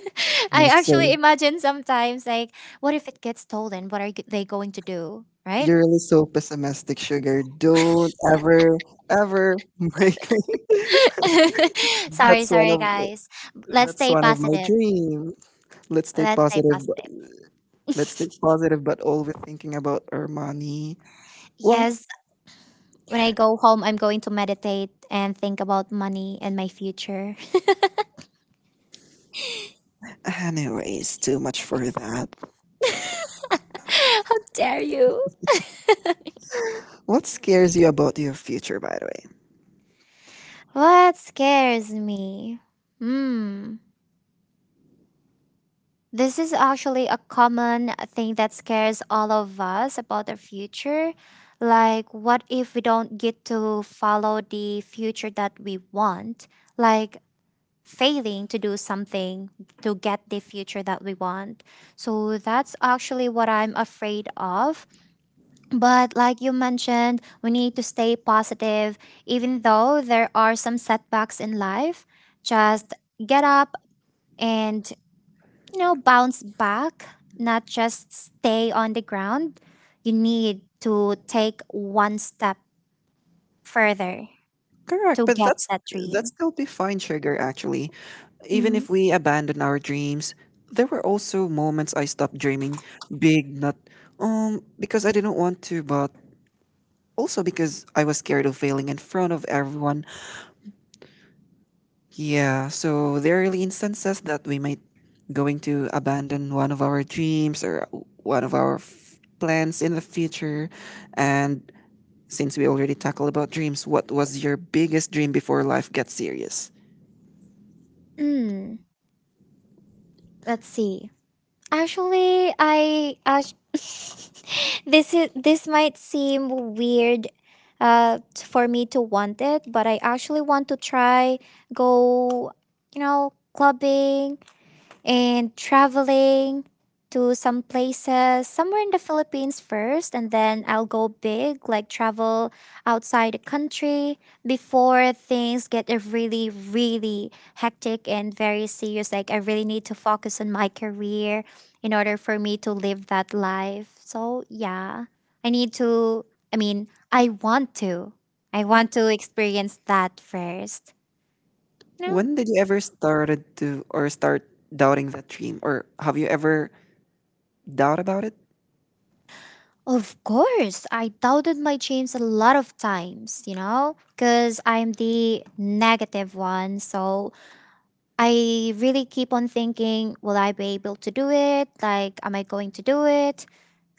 *laughs* Yeah, I actually so imagine sometimes like, what if it gets stolen? What are g- they going to do, right? you're really so pessimistic, sugar. Don't ever ever *laughs* make me. *laughs* Sorry, That's one sorry, of guys. Let's that's stay one of my positive. dream. Let's stay Let's stay positive. But, positive. let's stay positive, but always thinking about our money. Well, Yes, when I go home, I'm going to meditate and think about money and my future. *laughs* anyways, too much for that. How dare you? What scares you about your future, by the way? What scares me? Hmm. This is actually a common thing that scares all of us about the future. Like, what if we don't get to follow the future that we want? Like, failing to do something to get the future that we want. So, that's actually what I'm afraid of. But, like you mentioned, we need to stay positive, even though there are some setbacks in life. Just get up and, you know, bounce back, not just stay on the ground. You need to take one step further Correct, to but get that's that that's dream. still defined sugar actually. Even Mm. if we abandon our dreams, there were also moments I stopped dreaming big, not um because I didn't want to, but also because I was scared of failing in front of everyone. Yeah, so there are really instances that we might going to abandon one of our dreams or one of our f- plans in the future. And since we already tackled about dreams, what was your biggest dream before life gets serious? Mm, let's see. Actually, I uh, *laughs* this is this might seem weird uh t- for me to want it, but I actually want to try go, you know, clubbing and traveling to some places somewhere in the Philippines first and then I'll go big like travel outside the country before things get uh, really really hectic and very serious, like I really need to focus on my career in order for me to live that life. So yeah, I need to I mean I want to, I want to experience that first, you know. When did you ever started to or start doubting that dream, or have you ever doubt about it? Of course, I doubted my dreams a lot of times, you know, because I'm the negative one. So I really keep on thinking, will I be able to do it? Like, am I going to do it?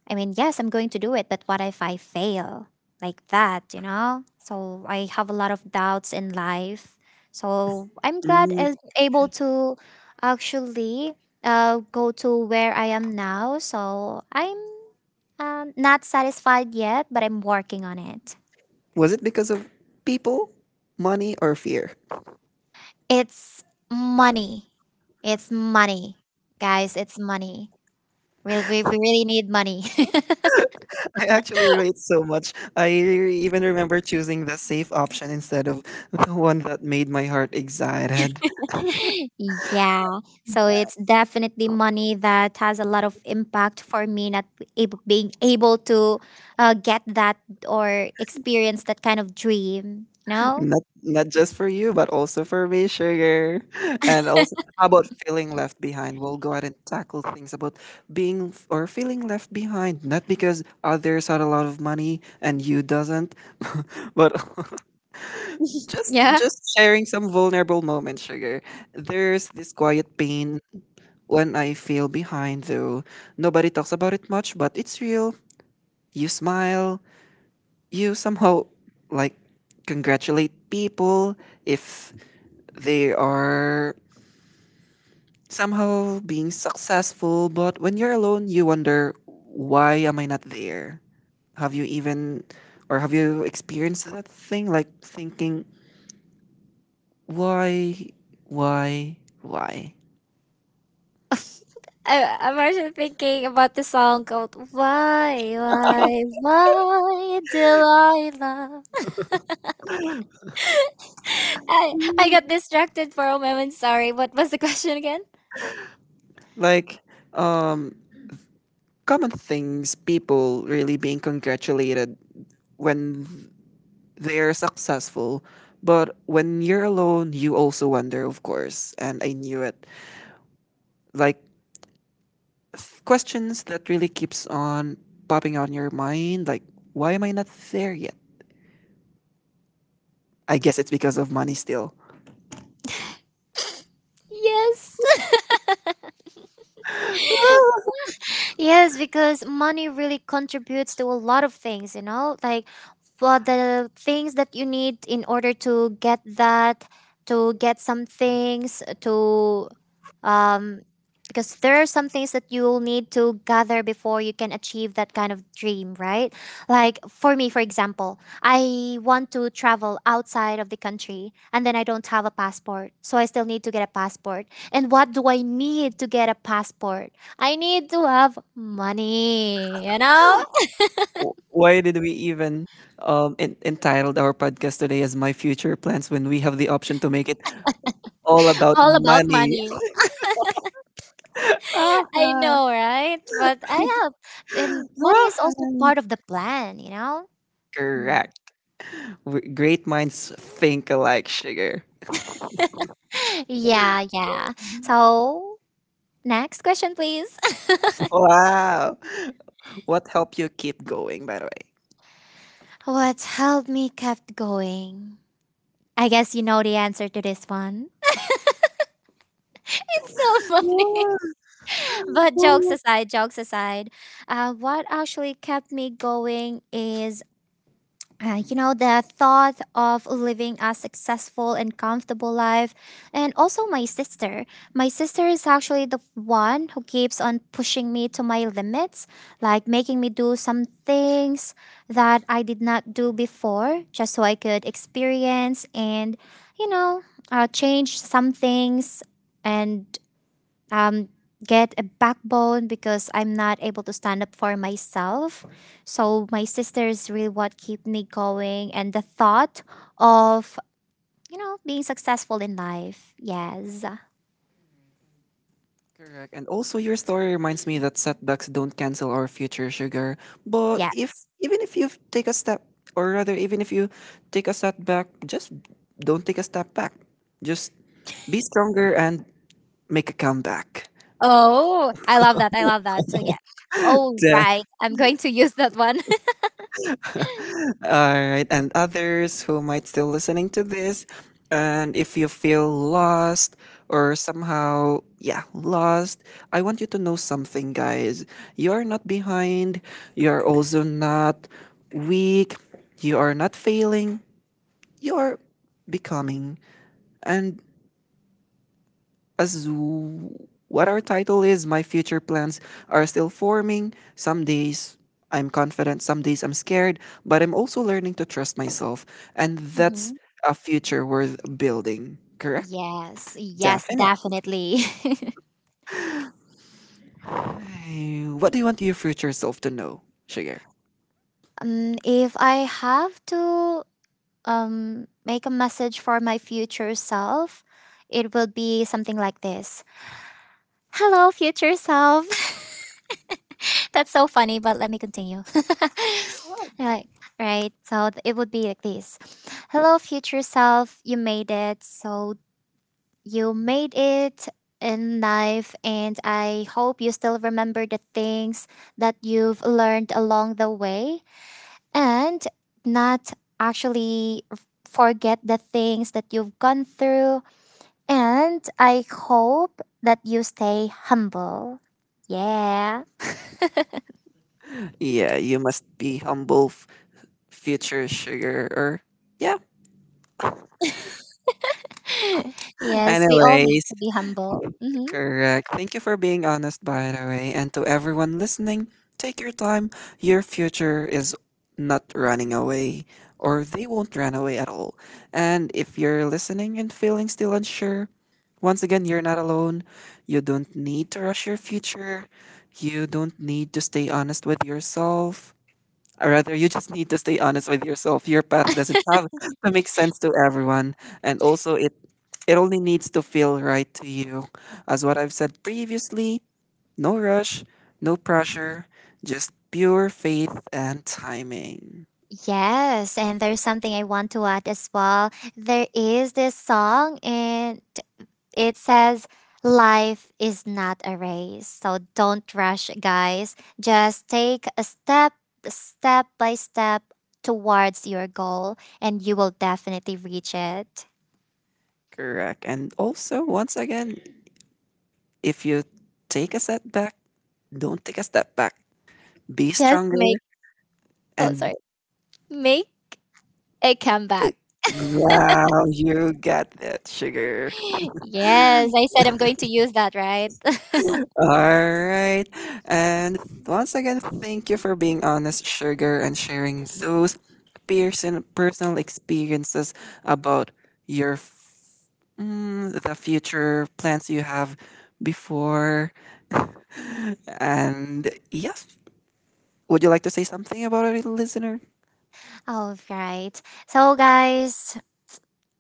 I mean, yes, I'm going to do it, but what if I fail? Like that, you know? So I have a lot of doubts in life. So I'm glad Mm. I'm able to actually uh, go to where I am now. So I'm um, not satisfied yet, but I'm working on it. Was it because of people, money, or fear? It's money. It's money. Guys, it's money. We, we, we really need money. *laughs* I actually relate so much. I even remember choosing the safe option instead of *laughs* the one that made my heart excited. *laughs* Yeah. So it's definitely money that has a lot of impact for me, not able, being able to uh, get that or experience that kind of dream. No? Not not just for you, but also for me, sugar. *laughs* And also, how about feeling left behind? We'll go ahead and tackle things about being f- or feeling left behind, not because others had a lot of money and you doesn't, but *laughs* just Yeah. Yeah. just sharing some vulnerable moments, sugar. There's this quiet pain when I feel behind, though nobody talks about it much, but it's real. You smile, you somehow like congratulate people if they are somehow being successful, but when you're alone, you wonder, why am I not there? Have you even, or have you experienced that thing? Like thinking, why, why, why? I, I'm actually thinking about the song called Why, Why, Why Did I Love? I I got distracted for a moment. Sorry. What was the question again? Like, um, Common things, people really being congratulated when they're successful. But when you're alone, you also wonder, of course. And I knew it. Like, th- Questions that really keeps on popping on your mind, like why am I not there yet? I guess it's because of money still. Yes. *laughs* Yes, because money really contributes to a lot of things, you know, like for the things that you need in order to get that, to get some things, to, um, because there are some things that you'll need to gather before you can achieve that kind of dream, right? Like for me, for example, I want to travel outside of the country and then I don't have a passport. So I still need to get a passport. And what do I need to get a passport? I need to have money, you know? W- why did we even um, en- entitled our podcast today as my future plans when we have the option to make it all about *laughs* All about money? money. *laughs* Ah, I ah. know, right? But I have um, money is also part of the plan, you know? Mm. Correct. W- great minds think alike, sugar. *laughs* Yeah, yeah. So next question, please. Wow, what helped you keep going, by the way? *laughs* What's held me kept going? I guess you know the answer to this one. *laughs* It's still funny. *laughs* But jokes *laughs* aside, jokes aside, uh, what actually kept me going is. Uh, you know, the thought of living a successful and comfortable life. And also, my sister. My sister is actually the one who keeps on pushing me to my limits, like making me do some things that I did not do before, just so I could experience and, you know, uh, change some things and um, get a backbone because I'm not able to stand up for myself. So my sister is really what keep me going, and the thought of, you know, being successful in life. Yes, Correct. And also, your story reminds me that setbacks don't cancel our future, sugar. But if yes. even if you take a step, or rather, even if you take a setback, just don't take a step back. Just be stronger and make a comeback. Oh, I love that. I love that. So yeah. *laughs* Oh Then right, I'm going to use that one. *laughs* all right, and others who might still listening to this, and if you feel lost or somehow, yeah, lost, I want you to know something, guys. You are not behind. You are also not weak. You are not failing. You are becoming. And as what our title is, my future plans are still forming. Some days I'm confident, some days I'm scared, but I'm also learning to trust myself. And that's Mhm. a future worth building, correct? Yes, yes, Definitely. definitely. *laughs* What do you want your future self to know, Sugar? Um, if I have to um, make a message for my future self, it will be something like this. Hello, future self. *laughs* That's so funny, but let me continue. *laughs* Like, right? So th- it would be like this. Hello, future self. You made it. So you made it in life, and I hope you still remember the things that you've learned along the way and not actually forget the things that you've gone through. And I hope that you stay humble. Yeah. Yeah, you must be humble, f- future Sugar, or. Yeah. *laughs* Yes, we all Anyway, need to be humble. Hmm. correct. Thank you for being honest, by the way. And to everyone listening, take your time. Your future is not running away, or they won't run away at all. And if you're listening and feeling still unsure, once again, you're not alone. You don't need to rush your future. You don't need to stay honest with yourself. Or rather, you just need to stay honest with yourself. Your path doesn't have *laughs* to make sense to everyone. And also, it, it only needs to feel right to you. As what I've said previously, no rush, no pressure, just pure faith and timing. Yes, and there's something I want to add as well. There is this song and. It says, Life is not a race, so don't rush, guys. Just take a step, step by step towards your goal, and you will definitely reach it. Correct. And also, once again, if you take a setback, don't take a step back. Be Just stronger make, oh, and sorry, make a comeback. *gasps* wow, you got that, sugar. *laughs* Yes, I said I'm going to use that, right? All right. And once again, thank you for being honest, Sugar, and sharing those person, personal experiences about your f- mm, the future plans you have before. *laughs* And yes, would you like to say something about it, listener? *laughs* All right. So, guys,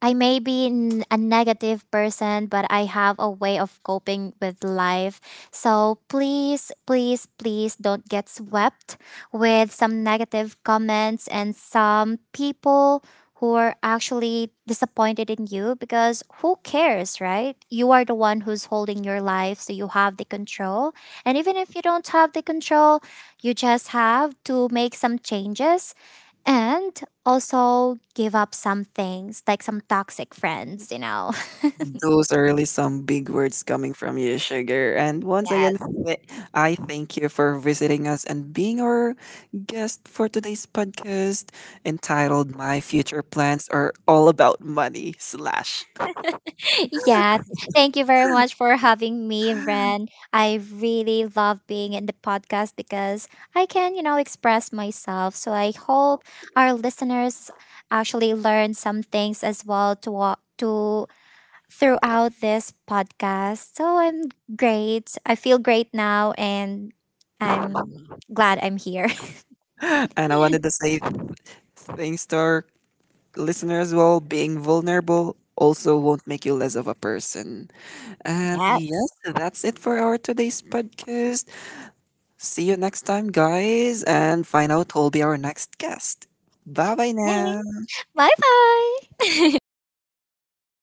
I may be n- a negative person, but I have a way of coping with life. So please, please, please don't get swept with some negative comments and some people who are actually disappointed in you because who cares, right? You are the one who's holding your life, so you have the control. And even if you don't have the control, you just have to make some changes and also, give up some things like some toxic friends, you know. *laughs* Those are really some big words coming from you, Sugar. And once again, Yes. th- I thank you for visiting us and being our guest for today's podcast entitled My Future Plans Are All About Money Slash. Yeah, thank you very much for having me, Ren. I really love being in the podcast because I can, you know, express myself. So I hope our listeners actually learn some things as well to wa- to throughout this podcast. So I'm great. I feel great now, and I'm *laughs* glad I'm here. *laughs* And I wanted to say thanks to our listeners as well. Being vulnerable also won't make you less of a person. And yes, Yes. that's it for our today's podcast. See you next time, guys, and find out who'll be our next guest. Bye bye Yay! now. Bye bye. *laughs*